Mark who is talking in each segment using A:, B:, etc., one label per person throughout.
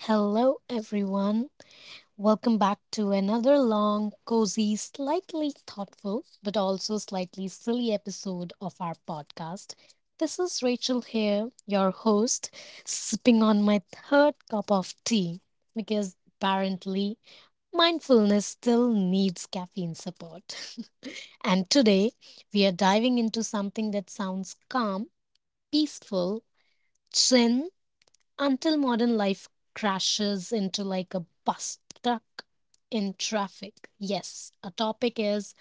A: Hello, everyone. Welcome back to another long, cozy, slightly thoughtful, but also slightly silly episode of our podcast. This is Rachel here, your host, sipping on my third cup of tea because apparently mindfulness still needs caffeine support. And today we are diving into something that sounds calm, peaceful, zen, until modern life crashes into like a bus stuck in traffic. Yes, our topic is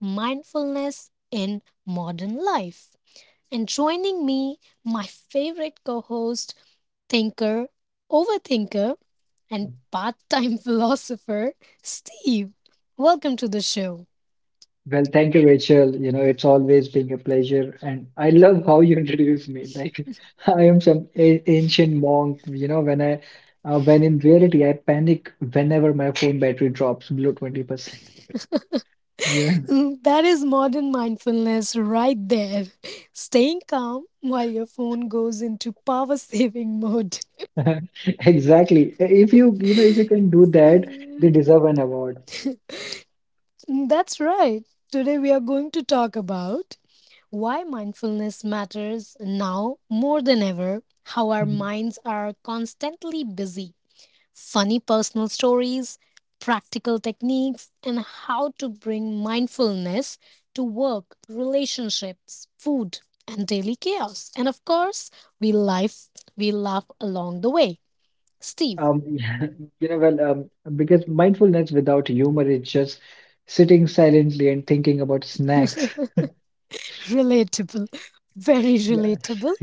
A: mindfulness in modern life. And joining me, my favorite co host, thinker, overthinker, and part time philosopher, Steve. Welcome to the show.
B: Well, thank you, Rachel. You know, it's always been a pleasure, and I love how you introduce me. Like I am some a ancient monk. You know, when in reality I panic whenever my phone battery drops below 20%. Yeah,
A: Mm, that is modern mindfulness right there. Staying calm while your phone goes into power saving mode.
B: exactly. If you can do that, they
A: Mm,
B: deserve an award.
A: that's right. Today we are going to talk about why mindfulness matters now more than ever, how our
B: Mhm.
A: minds are constantly busy, funny personal stories, practical techniques, and how to bring mindfulness to work, relationships, food, and daily chaos. And of course, we life we laugh along the way. Steve.
B: Um, well, because mindfulness without humor is just sitting silently and thinking about snacks.
A: Relatable. Very
B: Yeah.
A: relatable.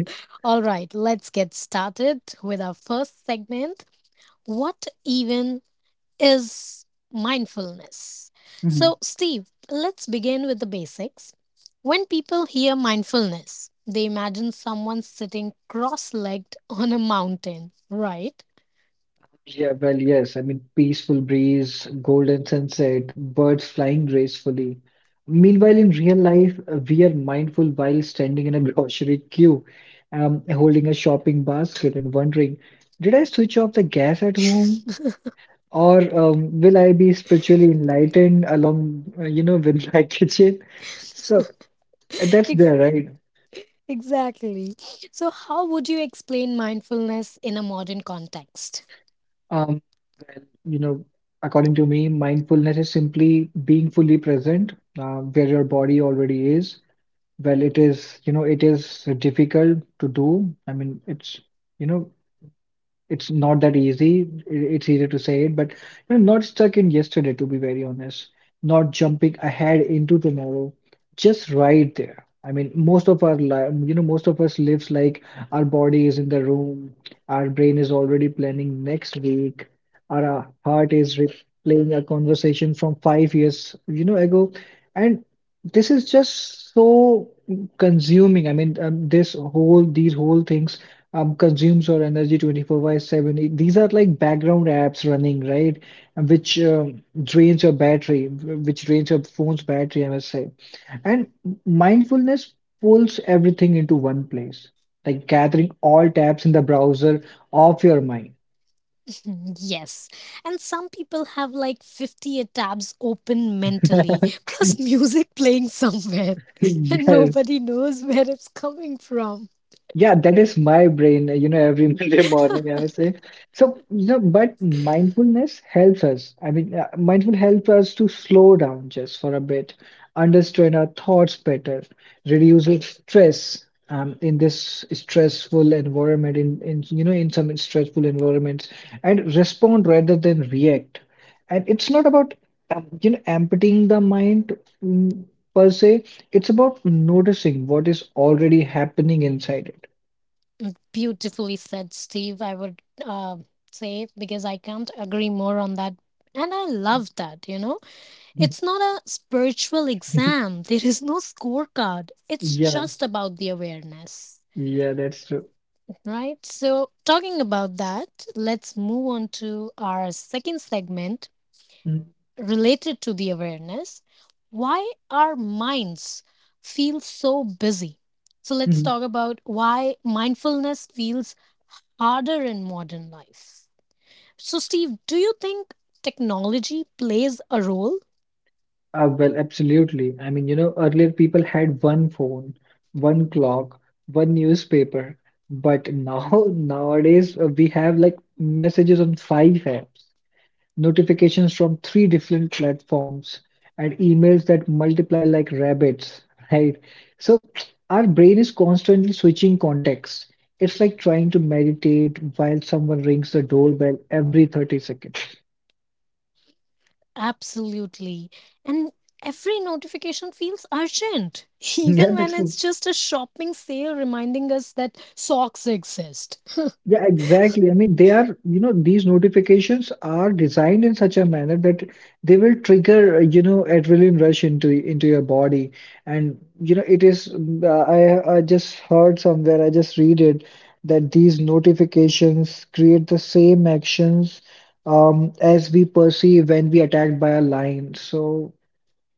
A: All right, let's get started with our first segment. What even is mindfulness?
B: Mm-hmm.
A: So, Steve, let's begin with the basics. When people hear mindfulness, they imagine someone sitting cross legged on a mountain, right?
B: Yeah, well, yes. I mean, peaceful breeze, golden sunset, birds flying gracefully. Meanwhile, in real life, we are mindful while standing in a grocery queue, holding a shopping basket and wondering, did I switch off the gas at home? Or will I be spiritually enlightened along, with my kitchen? So that's
A: Ex-
B: there, right?
A: exactly. So, how would you explain mindfulness in a modern context?
B: Um, you know, according to me, mindfulness is simply being fully present where your body already is. Well, it is difficult to do. I mean, you know, it's not that easy. It's easy to say it, but not stuck in yesterday, to be very honest. Not jumping ahead into tomorrow, just right there. I mean, most of our life, most of us lives like our body is in the room, our brain is already planning next week, our heart is replaying a conversation from 5 years ago, and this is just so consuming. I mean, these whole things consumes your energy 24 by 7. These are like background apps running, right? And which drains your battery, which drains your phone's battery, I must say. And mindfulness pulls everything into one place, like gathering all tabs in the browser off your mind.
A: Mm, yes. And some people have like 50 tabs open mentally, plus music playing somewhere, and
B: Yes,
A: nobody knows where it's coming from.
B: yeah, that is my brain every Monday morning, I would say. So, but mindfulness helps us. I mean, mindful helps us to slow down just for a bit, understand our thoughts better, reduces stress in this stressful environment, in some stressful environments, and respond rather than react. And it's not about, emptying the mind mm, per se. It's about noticing what is already happening inside it.
A: Beautifully said, Steve, I would say, because I can't agree more on that. And I love that, you know? It's not a spiritual
B: Mm.
A: exam, there is no scorecard, it's
B: Yeah,
A: just about the awareness.
B: yeah, that's true.
A: Right. So, talking about that, let's move on to our second segment
B: Mm,
A: related to the awareness, why our minds feel so busy. So let's
B: mm.
A: talk about why mindfulness feels harder in modern life. So, Steve, do you think technology plays a role?
B: Well, absolutely. I mean, earlier people had one phone, one clock, one newspaper, but now nowadays we have like messages on five apps. Notifications from three different platforms and emails that multiply like rabbits, right? So our brain is constantly switching contexts. It's like trying to meditate while someone rings the doorbell every 30 seconds.
A: Absolutely. And every notification feels urgent
B: Yeah,
A: even when
B: that's
A: it's just a shopping sale reminding us that socks exist.
B: yeah, exactly. I mean, they are, you know, these notifications are designed in such a manner that they will trigger, adrenaline rush into your body. And, it is, mm, I just heard somewhere, I just read it, that these notifications create the same actions as we perceive when we attacked by a lion. So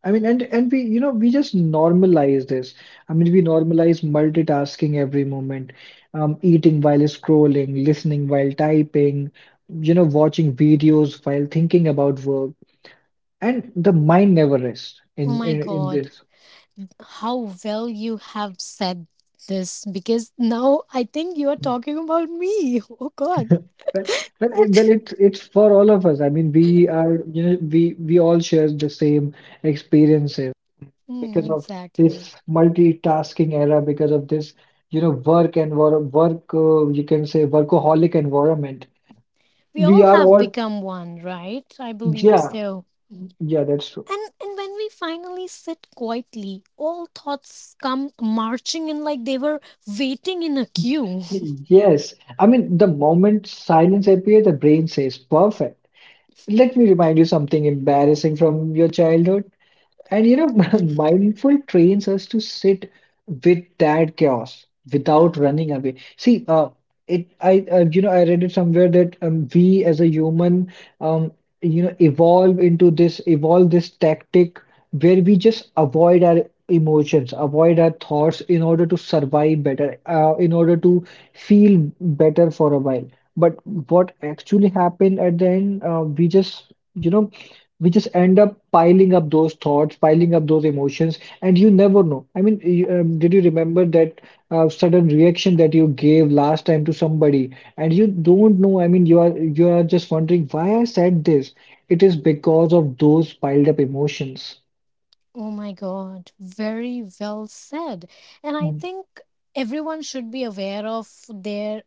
B: I mean, and we just normalize this. I mean, we normalize multitasking every moment, eating while scrolling, listening while typing, watching videos while thinking about work, and the mind never rests
A: Oh
B: in
A: my
B: in, in
A: God,
B: this.
A: how well you have said this because now I think you are talking about me. Oh God.
B: Well, well, it, well,
A: And-
B: it's it's for all of us. I mean, we are, you know, we all share the same experiences,
A: Mm,
B: because of
A: exactly.
B: this multitasking era, because of this, work and work, you can say workaholic environment.
A: We
B: We
A: all
B: are
A: have
B: all,
A: become one, right? I believe
B: yeah,
A: so.
B: yeah, that's true.
A: And when we finally sit quietly, all thoughts come marching in like they were waiting in a queue.
B: Yes, I mean, the moment silence appears, the brain says, perfect. Let me remind you something embarrassing from your childhood. And mindful trains us to sit with that chaos without running away. See, it I you know I read it somewhere that we as a human um evolve this tactic where we just avoid our emotions, avoid our thoughts in order to survive better, in order to feel better for a while. But what actually happened at the end, we just end up piling up those thoughts piling up those emotions, and you never know. I mean did you remember that sudden reaction that you gave last time to somebody, and you don't know. I mean you are just wondering why I said this. It is because of those piled up emotions
A: Oh my God. Very well said. And I
B: mm.
A: think everyone should be aware of their,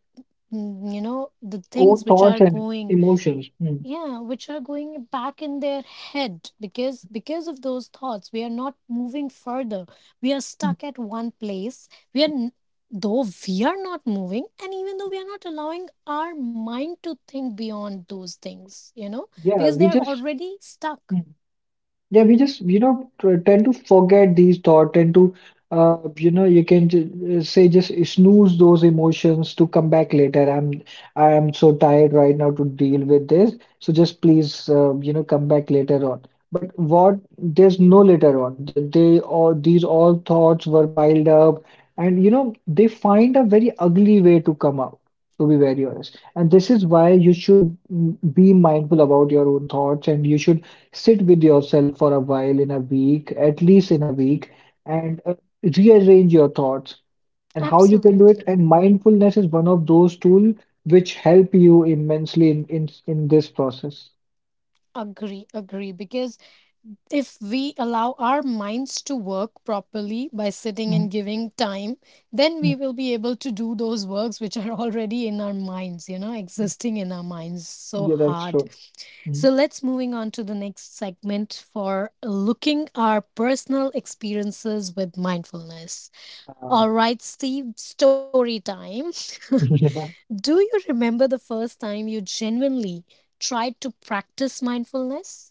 A: you know, the
B: own
A: things which are
B: thoughts and
A: going,
B: emotions mm.
A: yeah, which are going back in their head because of those thoughts we are not moving further. We are stuck at one place. We are though we are not moving, and even though we are not allowing our mind to think beyond those things, you know, because
B: yeah
A: they are
B: we just
A: already stuck.
B: hmm. Yeah, we just, tend to forget these thoughts, tend to, you know, you can j say just snooze those emotions to come back later. I am so tired right now to deal with this. So just please, come back later on. But there's no later on. These all thoughts were piled up, and, they find a very ugly way to come out, to be very honest. And this is why you should be mindful about your own thoughts, and you should sit with yourself for a while in a week, at least in a week, and rearrange your thoughts, and how you can do
A: Absolutely.
B: it. And mindfulness is one of those tools which help you immensely in this process.
A: Agree because if we allow our minds to work properly by sitting
B: Mm,
A: and giving time, then we
B: mm.
A: will be able to do those works which are already in our minds, you know, existing in our minds so
B: Yeah, that's
A: hard.
B: true. Mm.
A: So let's moving on to the next segment for looking our personal experiences with mindfulness. All
B: Um,
A: right, Steve, story time. Do you remember the first time you genuinely tried to practice mindfulness?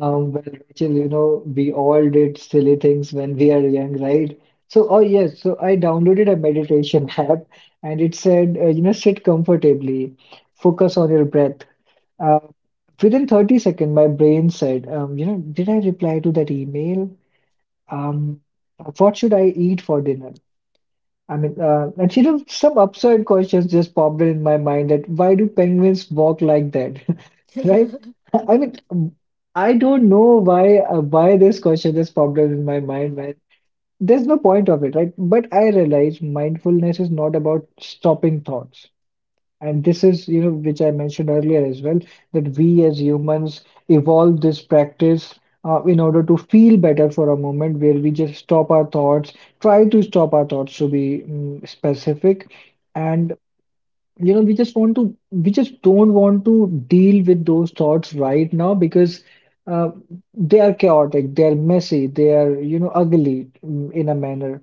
B: well, Rachel, we all did silly things when we are young, right? Oh yes, so I downloaded a meditation app, and it said, sit comfortably, focus on your breath. Uh, Within 30 seconds, my brain said, did I reply to that email? Um, what should I eat for dinner? I mean, and some absurd questions just popped in my mind, that why do penguins walk like that, right? I mean, I don't know why this question just popped up in my mind, man. There's no point of it, right? But I realize mindfulness is not about stopping thoughts. And this is, which I mentioned earlier as well, that we as humans evolve this practice in order to feel better for a moment, where we just stop our thoughts, try to stop our thoughts to be specific. And, we just don't want to deal with those thoughts right now, because uh, they are chaotic, they are messy, they are, ugly in a manner,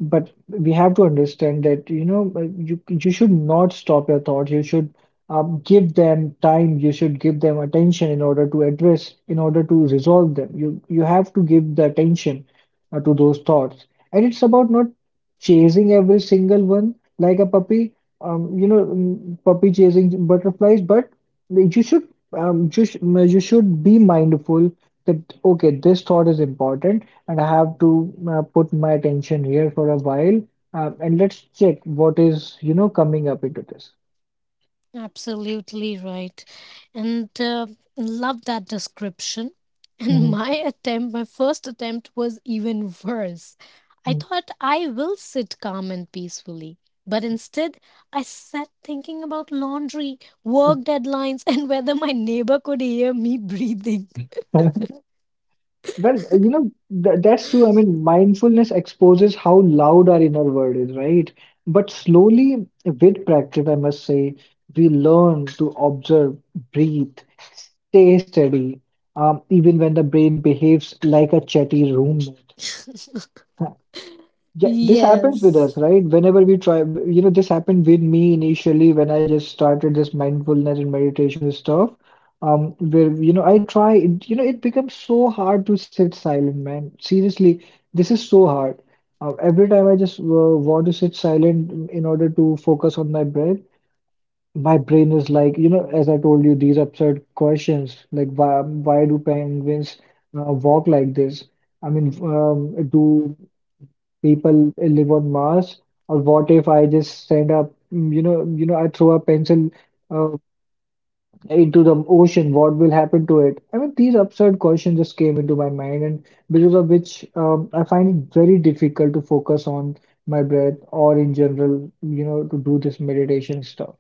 B: but we have to understand that you should not stop your thoughts. You should give them time, you should give them attention in order to address, in order to resolve them. You have to give the attention to those thoughts, and it's about not chasing every single one like a puppy, puppy chasing butterflies, but you should just you should be mindful that okay, this thought is important, and I have to put my attention here for a while. And let's check what is, coming up into this.
A: Absolutely right. And love that description. And
B: Mhm,
A: my attempt, my first attempt was even worse. I
B: mhm.
A: thought I will sit calm and peacefully. But instead, I sat thinking about laundry, work deadlines, and whether my neighbor could hear me breathing.
B: Well, th that's true. I mean, mindfulness exposes how loud our inner world is, right? But slowly, with practice, I must say, we learn to observe, breathe, stay steady, even when the brain behaves like a chatty roommate. Yeah, this happens with us,
A: Yes.
B: right? Whenever we this happened with me initially when I just started this mindfulness and meditation stuff. Where, I try, it becomes so hard to sit silent, man. Seriously, this is so hard. Every time I just want to sit silent in order to focus on my breath, my brain is like, as I told you, these absurd questions like, why do penguins walk like this? I mean, do people live on Mars, or what if I just send up, mm, you know, I throw a pencil uh, into the ocean, what will happen to it? I mean, these absurd questions just came into my mind, and because of which I find it very difficult to focus on my breath, or in general, to do this meditation stuff.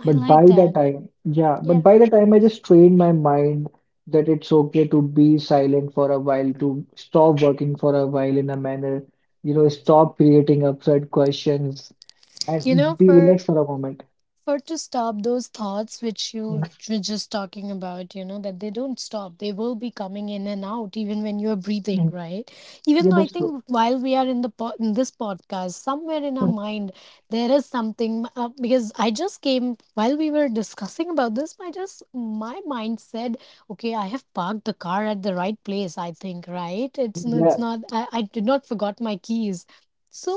A: I
B: But
A: like
B: by the
A: that.
B: time, yeah, but
A: Yeah.
B: by the time I just trained my mind that it's okay to be silent for a while, to stop working for a while in a manner, you know, stop creating absurd questions,
A: You know,
B: and be
A: for
B: relaxed for a moment.
A: for to stop those thoughts which you
B: Mhm,
A: were just talking about, you know, that they don't stop. They will be coming in and out even when you are breathing,
B: mhm.
A: right? Even
B: Yeah,
A: though I
B: that's true.
A: think, while we are in this podcast, somewhere in our
B: Mm,
A: mind there is something, because I just came while we were discussing about this, I just, my mind said, okay, I have parked the car at the right place, I think, right? It's
B: yeah,
A: not. I did not forgot my keys. So,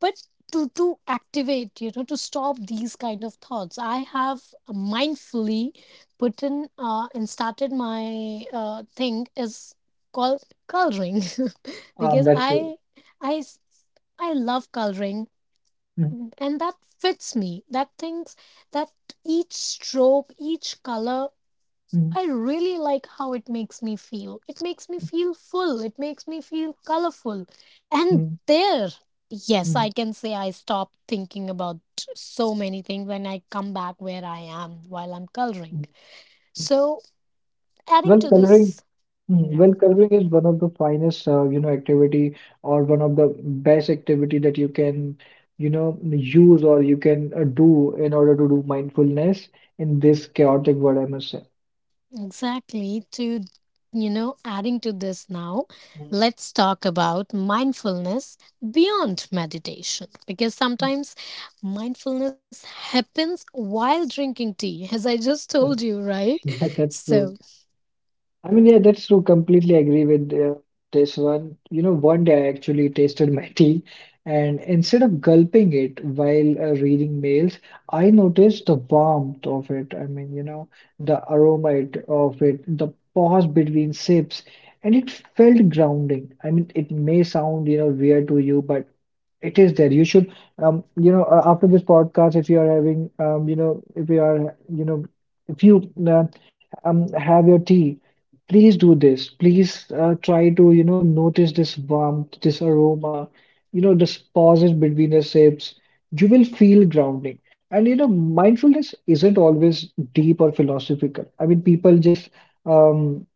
A: but to activate, you know, to stop these kind of thoughts I have mindfully put in, and started my thing is called coloring because
B: that's true.
A: i s- I love coloring.
B: Mm,
A: And that fits me, that things, that each stroke, each color,
B: mm,
A: I really like how it makes me feel. It makes me feel full. It makes me feel colorful. And
B: mm,
A: there, yes,
B: mm.
A: I can say I stop thinking about so many things when I come back where I am while I'm coloring. So, adding
B: Well,
A: to
B: coloring
A: this.
B: Well, curving is one of the finest, activity or one of the best activity that you can, use or you can do in order to do mindfulness in this chaotic world, I must say.
A: Exactly. To, you know, adding to this now, let's talk about mindfulness beyond meditation because sometimes mindfulness happens while drinking tea, as I just told you, right?
B: Yeah, that's
A: So
B: true. Yeah, that's true. Completely agree with this one. You know, one day I actually tasted my tea, and instead of gulping it while reading mails, I noticed the warmth of it. The aroma of it, the pause between sips, and it felt grounding. I mean, it may sound, weird to you, but it is there. You should, you know, After this podcast, if you are having, if you are, you know, if you have your tea. Please do this. Please try to, notice this warmth, this aroma, this pauses between the sips. You will feel grounding. And, you know, mindfulness isn't always deep or philosophical. People just um,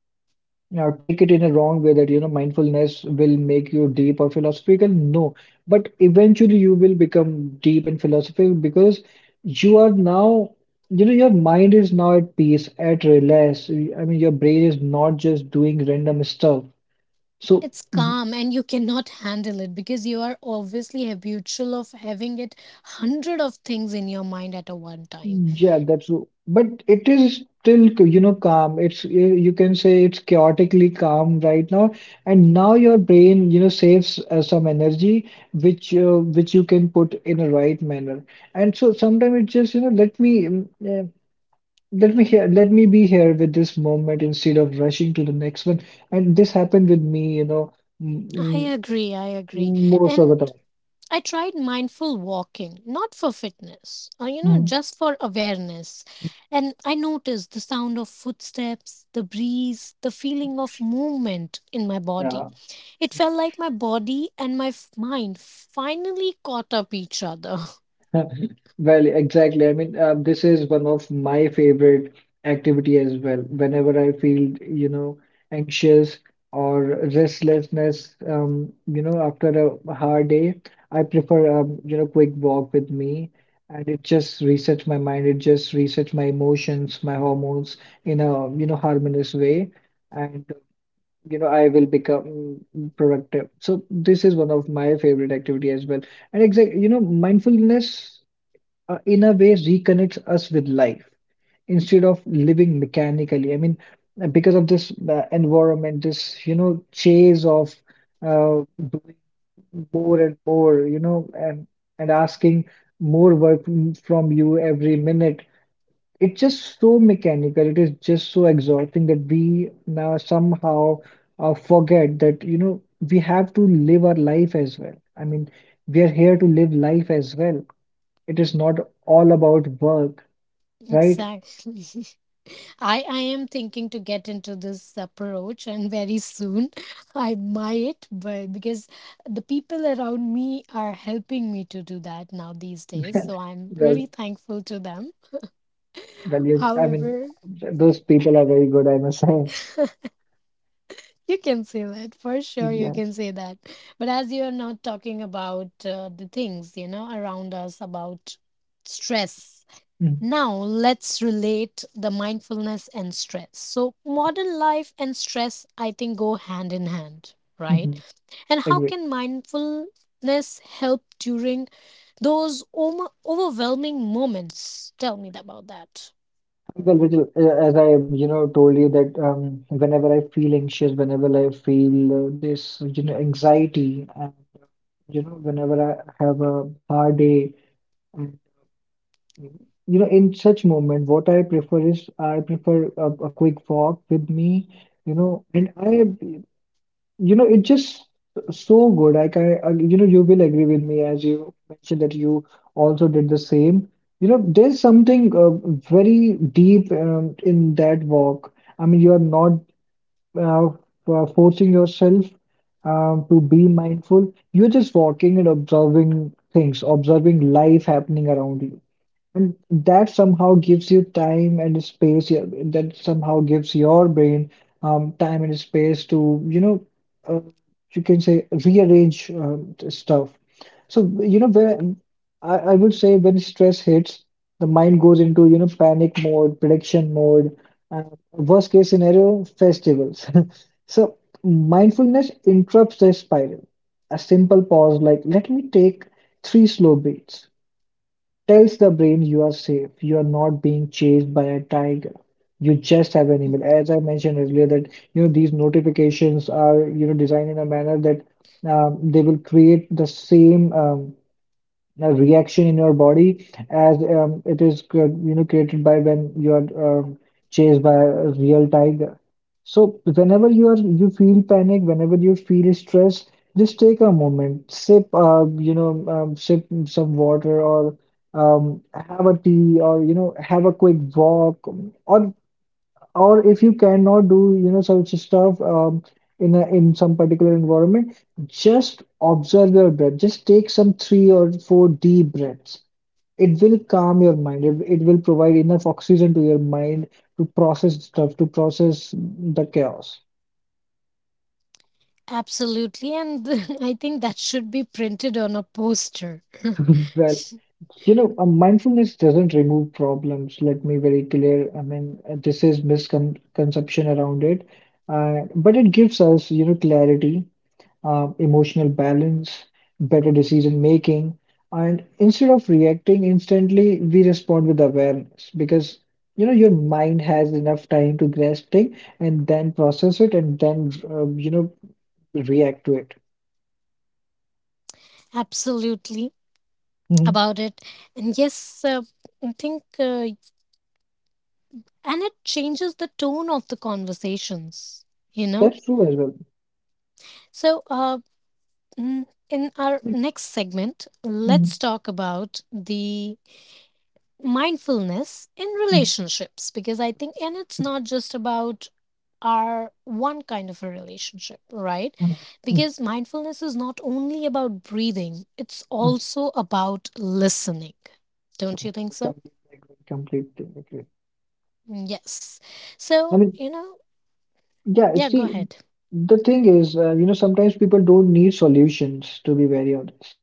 B: take it in a wrong way that you know mindfulness will make you deep or philosophical. No, but eventually you will become deep and philosophical because you are now, you know, your mind is now at peace, at relax. I mean, your brain is not just doing random stuff. So
A: it's calm and you cannot handle it because you are obviously habitual of having it hundred of things in your mind at a one time.
B: Yeah, but it is still you know calm. It's you you can say it's chaotically calm right now, and now your brain you know saves some energy which you can put in a right manner. And so sometimes it's just you know let me here let me be here with this moment instead of rushing to the next one. And this happened with me you know
A: I
B: m
A: agree, I agree.
B: m most of the
A: And
B: time.
A: I tried mindful walking, not for fitness, you know,
B: Mhm.
A: just for awareness. And I noticed the sound of footsteps, the breeze, the feeling of movement in my body.
B: Yeah.
A: It felt like my body and my mind finally caught up each other.
B: Well, exactly. This is one of my favorite activity as well. Whenever I feel, anxious or restlessness, after a hard day, I prefer, quick walk with me, and it just resets my mind. It just resets my emotions, my hormones in a, harmonious way, and I will become productive. So this is one of my favorite activity as well. And exactly, you know, mindfulness in a way reconnects us with life instead of living mechanically. Because of this environment, this, chase of uh, doing more and more, and asking more work from you every minute. It's just so mechanical. It is just so exhausting that we now somehow forget that, we have to live our life as well. I mean, we are here to live life as well. It is not all about work, right?
A: Exactly. I am thinking to get into this approach and very soon I might, but because the people around me are helping me to do that now these days. So I'm
B: Well,
A: really thankful to them.
B: well, you. I mean,
A: However,
B: those people are very good, I must say.
A: you can say that for sure, you can
B: Yes.
A: say that. But as you are not talking about the things, you know, around us about stress.
B: Mm-hmm.
A: Now let's relate the mindfulness and stress. So modern life and stress I think go hand in hand, right?
B: Mm-hmm.
A: And how
B: Agree.
A: can mindfulness help during those overwhelming moments? Tell me about that.
B: Well, Vijay, as I, told you that whenever I feel anxious, whenever I feel anxiety, and whenever I have a hard day, and in such moment, what I prefer is I prefer a quick walk with me, you know, and I You know, it's just so good. Like I can, you will agree with me as you mentioned that you also did the same. You know, there's something very deep in that walk. I mean, you are not uh, forcing yourself to be mindful. You're just walking and observing things, observing life happening around you. And that somehow gives you time and space. Yeah, that somehow gives your brain time and space to, uh, you can say rearrange stuff. So, you know, where I would say when stress hits, the mind goes into, panic mode, prediction mode, uh, worst case scenario, festivals. So, mindfulness interrupts the spiral. A simple pause, like, let me take three slow breaths. Tells the brain you are safe, you are not being chased by a tiger. You just have an
A: Mm-hmm.
B: email. As I mentioned earlier, that you know these notifications are you know designed in a manner that they will create the same a reaction in your body as it is you know created by when you are chased by a real tiger, so whenever you are you feel panic, whenever you feel stress, just take a moment, sip sip some water or have a tea, or you know have a quick walk or or if you cannot do you know such stuff in some particular environment, just observe your breath, just take some three or four deep breaths, it will calm your mind, it will provide enough oxygen to your mind to process stuff, to process the chaos.
A: Absolutely, and I think that should be printed on a poster.
B: Well, you know mindfulness doesn't remove problems, let me very clear. I mean, this is misconception around it, but it gives us you know clarity, emotional balance, better decision making. And instead of reacting instantly, we respond with awareness because you know your mind has enough time to grasp thing and then process it and then you know react to it.
A: Absolutely
B: Mhm.
A: about it. And yes, I think, and it changes the tone of the conversations, you know?
B: That's true as well.
A: So, in our
B: Mhm,
A: next segment, let's talk about the mindfulness in
B: mhm,
A: relationships because I think, and it's not just about our one kind of a relationship, right?
B: mhm, mhm,
A: Because mindfulness is not only about breathing, it's
B: mhm.
A: also about listening. Don't you
B: So,
A: think so?
B: completely agree. Completely agree.
A: Mm, yes.
B: I
A: So,
B: mean,
A: you know,
B: yeah,
A: yeah, go
B: see,
A: ahead.
B: the thing is, sometimes people don't need solutions, to be very honest.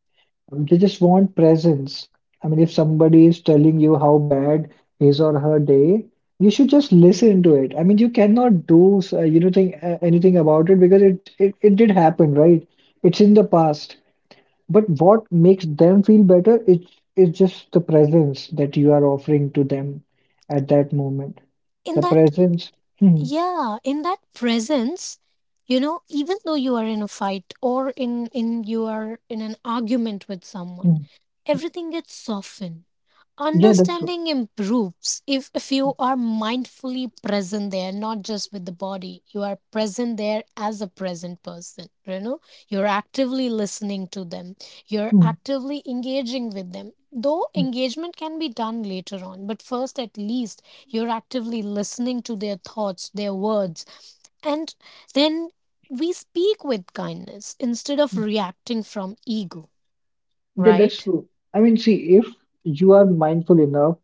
B: They just want presence. I mean, if somebody is telling you how bad his or her day, you should just listen to it. I mean, you cannot do anything about it because it did happen, right? It's in the past. But what makes them feel better? It's just the presence that you are offering to them at that moment. The
A: In that
B: presence. Hmm,
A: Yeah, in that presence, you know, even though you are in a fight or in you are in an argument with someone,
B: hmm.
A: everything gets softened.
B: Yeah, that's true.
A: Understanding improves if you are mindfully present there, not just with the body. You are present there as a present person. You know, you're actively listening to them, you're
B: Hmm,
A: actively engaging with them. Though
B: hmm.
A: engagement can be done later on, but first, at least, you're actively listening to their thoughts, their words, and then we speak with kindness instead of reacting from ego,
B: Yeah, that's
A: right?
B: true. If you are mindful enough,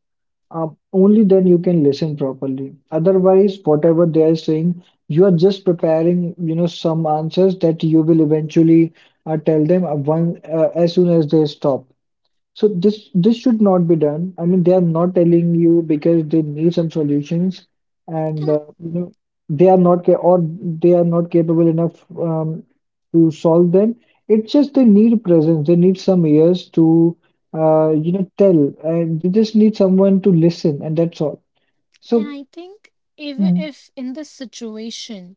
B: Uh, only then you can listen properly. Otherwise, whatever they are saying, you are just preparing, some answers that you will eventually tell them one as soon as they stop. So this should not be done. I mean, they are not telling you because they need some solutions, and
A: And
B: they are not ca or they are not capable enough to solve them. It's just they need presence. They need some ears to tell, and they just need someone to listen, and that's all.
A: And
B: So
A: I think even
B: Mm.
A: if in this situation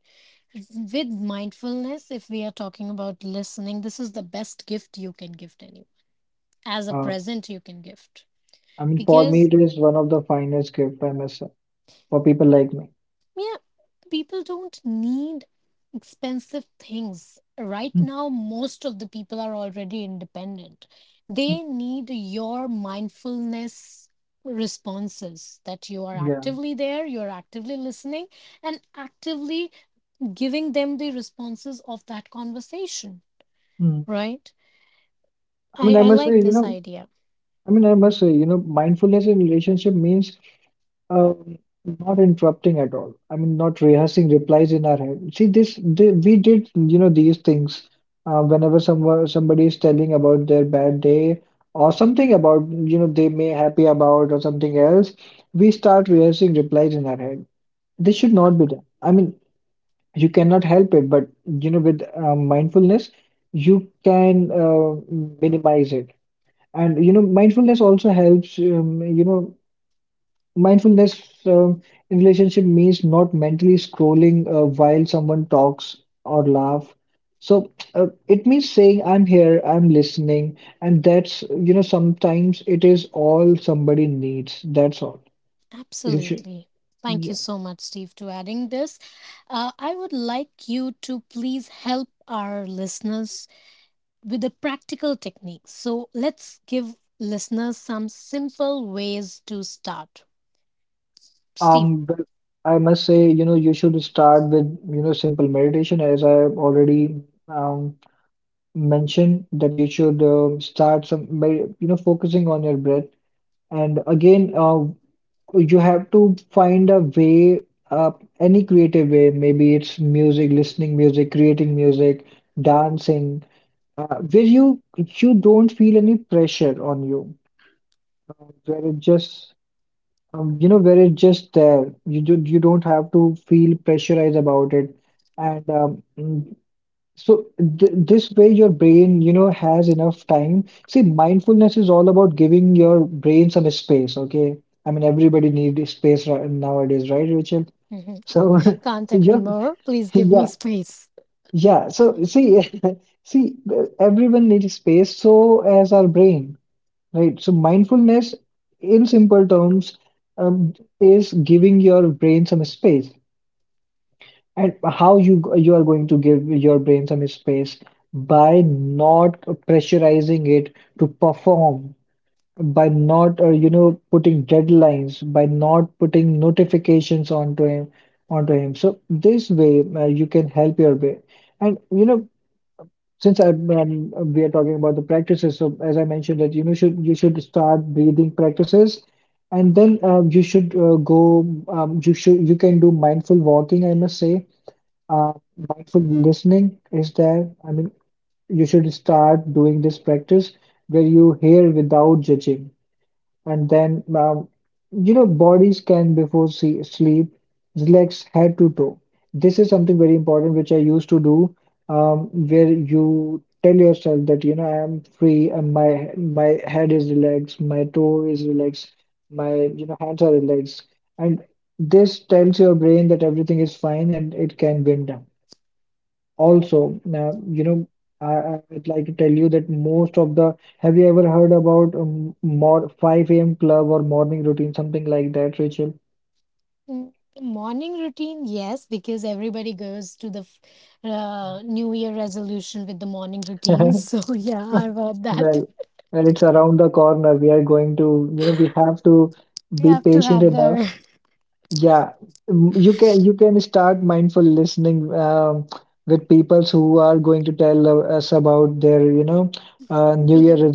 A: with mindfulness, if we are talking about listening, this is the best gift you can gift anyone. As a
B: uh,
A: present you can gift.
B: I mean, for me,
A: Because,
B: it is one of the finest gift I must say for people like me.
A: yeah, people don't need expensive things. Right
B: Mm.
A: now, most of the people are already independent.
B: Mm.
A: They need your mindfulness responses that you are
B: Yeah.
A: actively there, you're actively listening, and actively giving them the responses of that conversation,
B: Mm.
A: right?
B: I mean,
A: I,
B: I
A: I
B: must say,
A: like
B: you
A: this
B: know.
A: idea.
B: I mean, I must say, you know, mindfulness in relationship means um, not interrupting at all. I mean, not rehearsing replies in our head. See, this, th we did, these things whenever someone somebody is telling about their bad day or something about, they may happy about or something else. We start rehearsing replies in our head. This should not be done. I mean, you cannot help it, but you know, with mindfulness, you can minimize it. And you know, mindfulness also helps. Mindfulness in relationship means not mentally scrolling while someone talks or laugh. So it means saying, "I'm here, I'm listening," and that's you know, sometimes it is all somebody needs. That's all. You should,
A: Absolutely. Thank you
B: yeah.
A: so much, Steve, to adding this. I would like you to please help our listeners with the practical techniques. So let's give listeners some simple ways to start. Steve.
B: But I must say, you know, you should start with you know simple meditation, as I already um mentioned that you should start some by you know focusing on your breath, and again you have to find a way, uh, any creative way, maybe it's music, listening music, creating music, dancing, where you don't feel any pressure on you, where it just where it's just there, you don't have to feel pressurized about it, and so th this way your brain, you know, has enough time. See, mindfulness is all about giving your brain some space, okay? I mean, everybody needs space nowadays, right, Rachel?
A: can
B: So,
A: can't
B: so
A: agree
B: your
A: more. Please give
B: yeah,
A: me space.
B: yeah. So see, see, everyone needs space, so as our brain, right? So mindfulness, in simple terms, um, is giving your brain some space, and how you you are going to give your brain some space by not pressurizing it to perform, by not you know putting deadlines, by not putting notifications onto him onto him, so this way you can help your brain. And you know, since I we are talking about the practices, so as I mentioned that you know should you should start breathing practices, and then you should go you should you can do mindful walking, I must say. uh, Mindful listening is there. I mean, you should start doing this practice where you hear without judging, and then bodies can before see, sleep relax head to toe. This is something very important which I used to do, where you tell yourself that I am free and my head is relaxed, my toe is relaxed, my hands are relaxed, and this tells your brain that everything is fine and it can wind down. Also, now, I would like to tell you that most of the, have you ever heard about more 5 a.m. club or morning routine, something like that, Rachel?
A: Mm, morning routine, yes, because everybody goes to the New Year resolution with the morning routines. So, yeah, I about that.
B: Well, well, it's around the corner. We are going to, we have to
A: We
B: be
A: have to
B: patient
A: have
B: enough.
A: their.
B: Yeah, you can start mindful listening with people who are going to tell us about their, New Year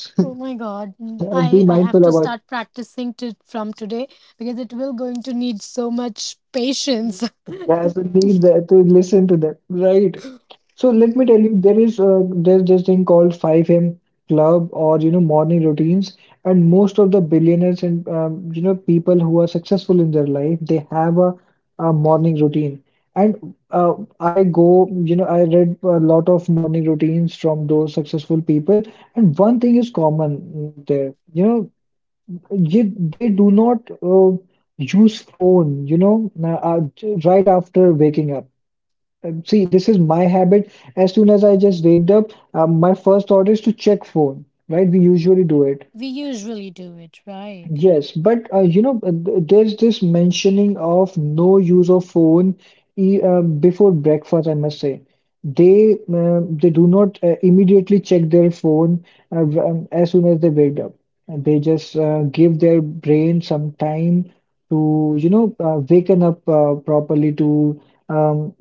A: Oh my God, I
B: And
A: I
B: be
A: have to
B: mindful
A: start
B: about.
A: practicing to from today because it will going to need so much patience.
B: That's the need that to listen to them, right? So let me
A: Mm,
B: tell you, there's this thing called 5 a.m. club or morning routines, and most of the billionaires and people who are successful in their life, they have a morning routine. And I go, you know, I read a lot of morning routines from those successful people, and one thing is common there. They do not use phone, right after waking up. See, this is my habit. As soon as I just waked up, my first thought is to check phone, right? We usually do it.
A: we usually do it, right?
B: Yes, but there's this mentioning of no use of phone e before breakfast, I must say. They do not immediately check their phone as soon as they wake up. And they just give their brain some time to, waken up properly um,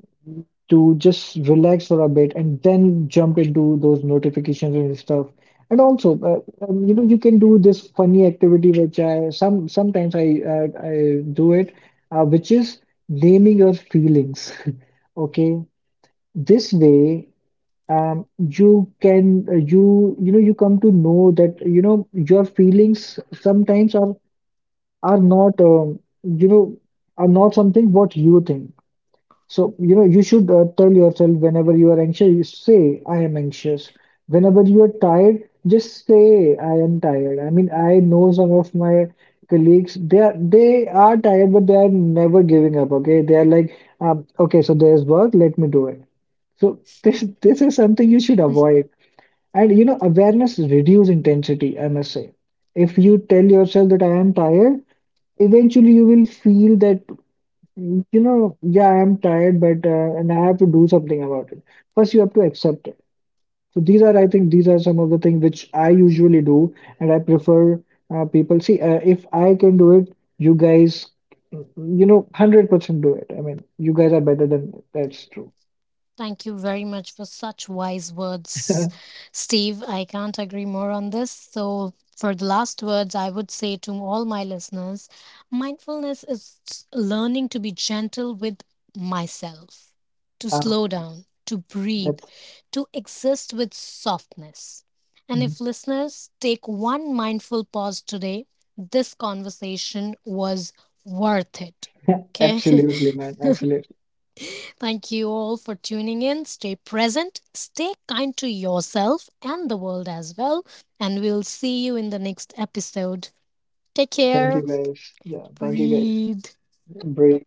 B: to just relax for a bit and then jump into those notifications and stuff. And also, you can do this funny activity, which I some sometimes I do it, which is naming your feelings. Okay, this way, you can you you know you come to know that your feelings sometimes are not are not something what you think. So, you should tell yourself whenever you are anxious, you say, I am anxious. Whenever you are tired, just say, I am tired. I mean, I know some of my colleagues, they are tired, but they are never giving up. Okay. They are like, okay, so there's work, let me do it. So, this is something you should avoid. And, awareness reduce intensity, I must say. If you tell yourself that I am tired, eventually you will feel that yeah, I'm tired, but and I have to do something about it. First, you have to accept it. So these are, I think, these are some of the things which I usually do, and I prefer people see if I can do it, you guys, 100% do it. I mean, you guys are better than me. That's true.
A: Thank you very much for such wise words, Steve. I can't agree more on this. So, for the last words, I would say to all my listeners mindfulness is learning to be gentle with myself, to
B: Um,
A: slow down, to breathe,
B: that's
A: to exist with softness. And if listeners take one mindful pause today, this conversation was worth it. Okay.
B: absolutely, man. Absolutely.
A: Thank you all for tuning in. Stay present, stay kind to yourself and the world as well. And we'll see you in the next episode. Take
B: Thank you
A: care.
B: guys. Yeah, thank you guys.
A: Breathe.
B: Break.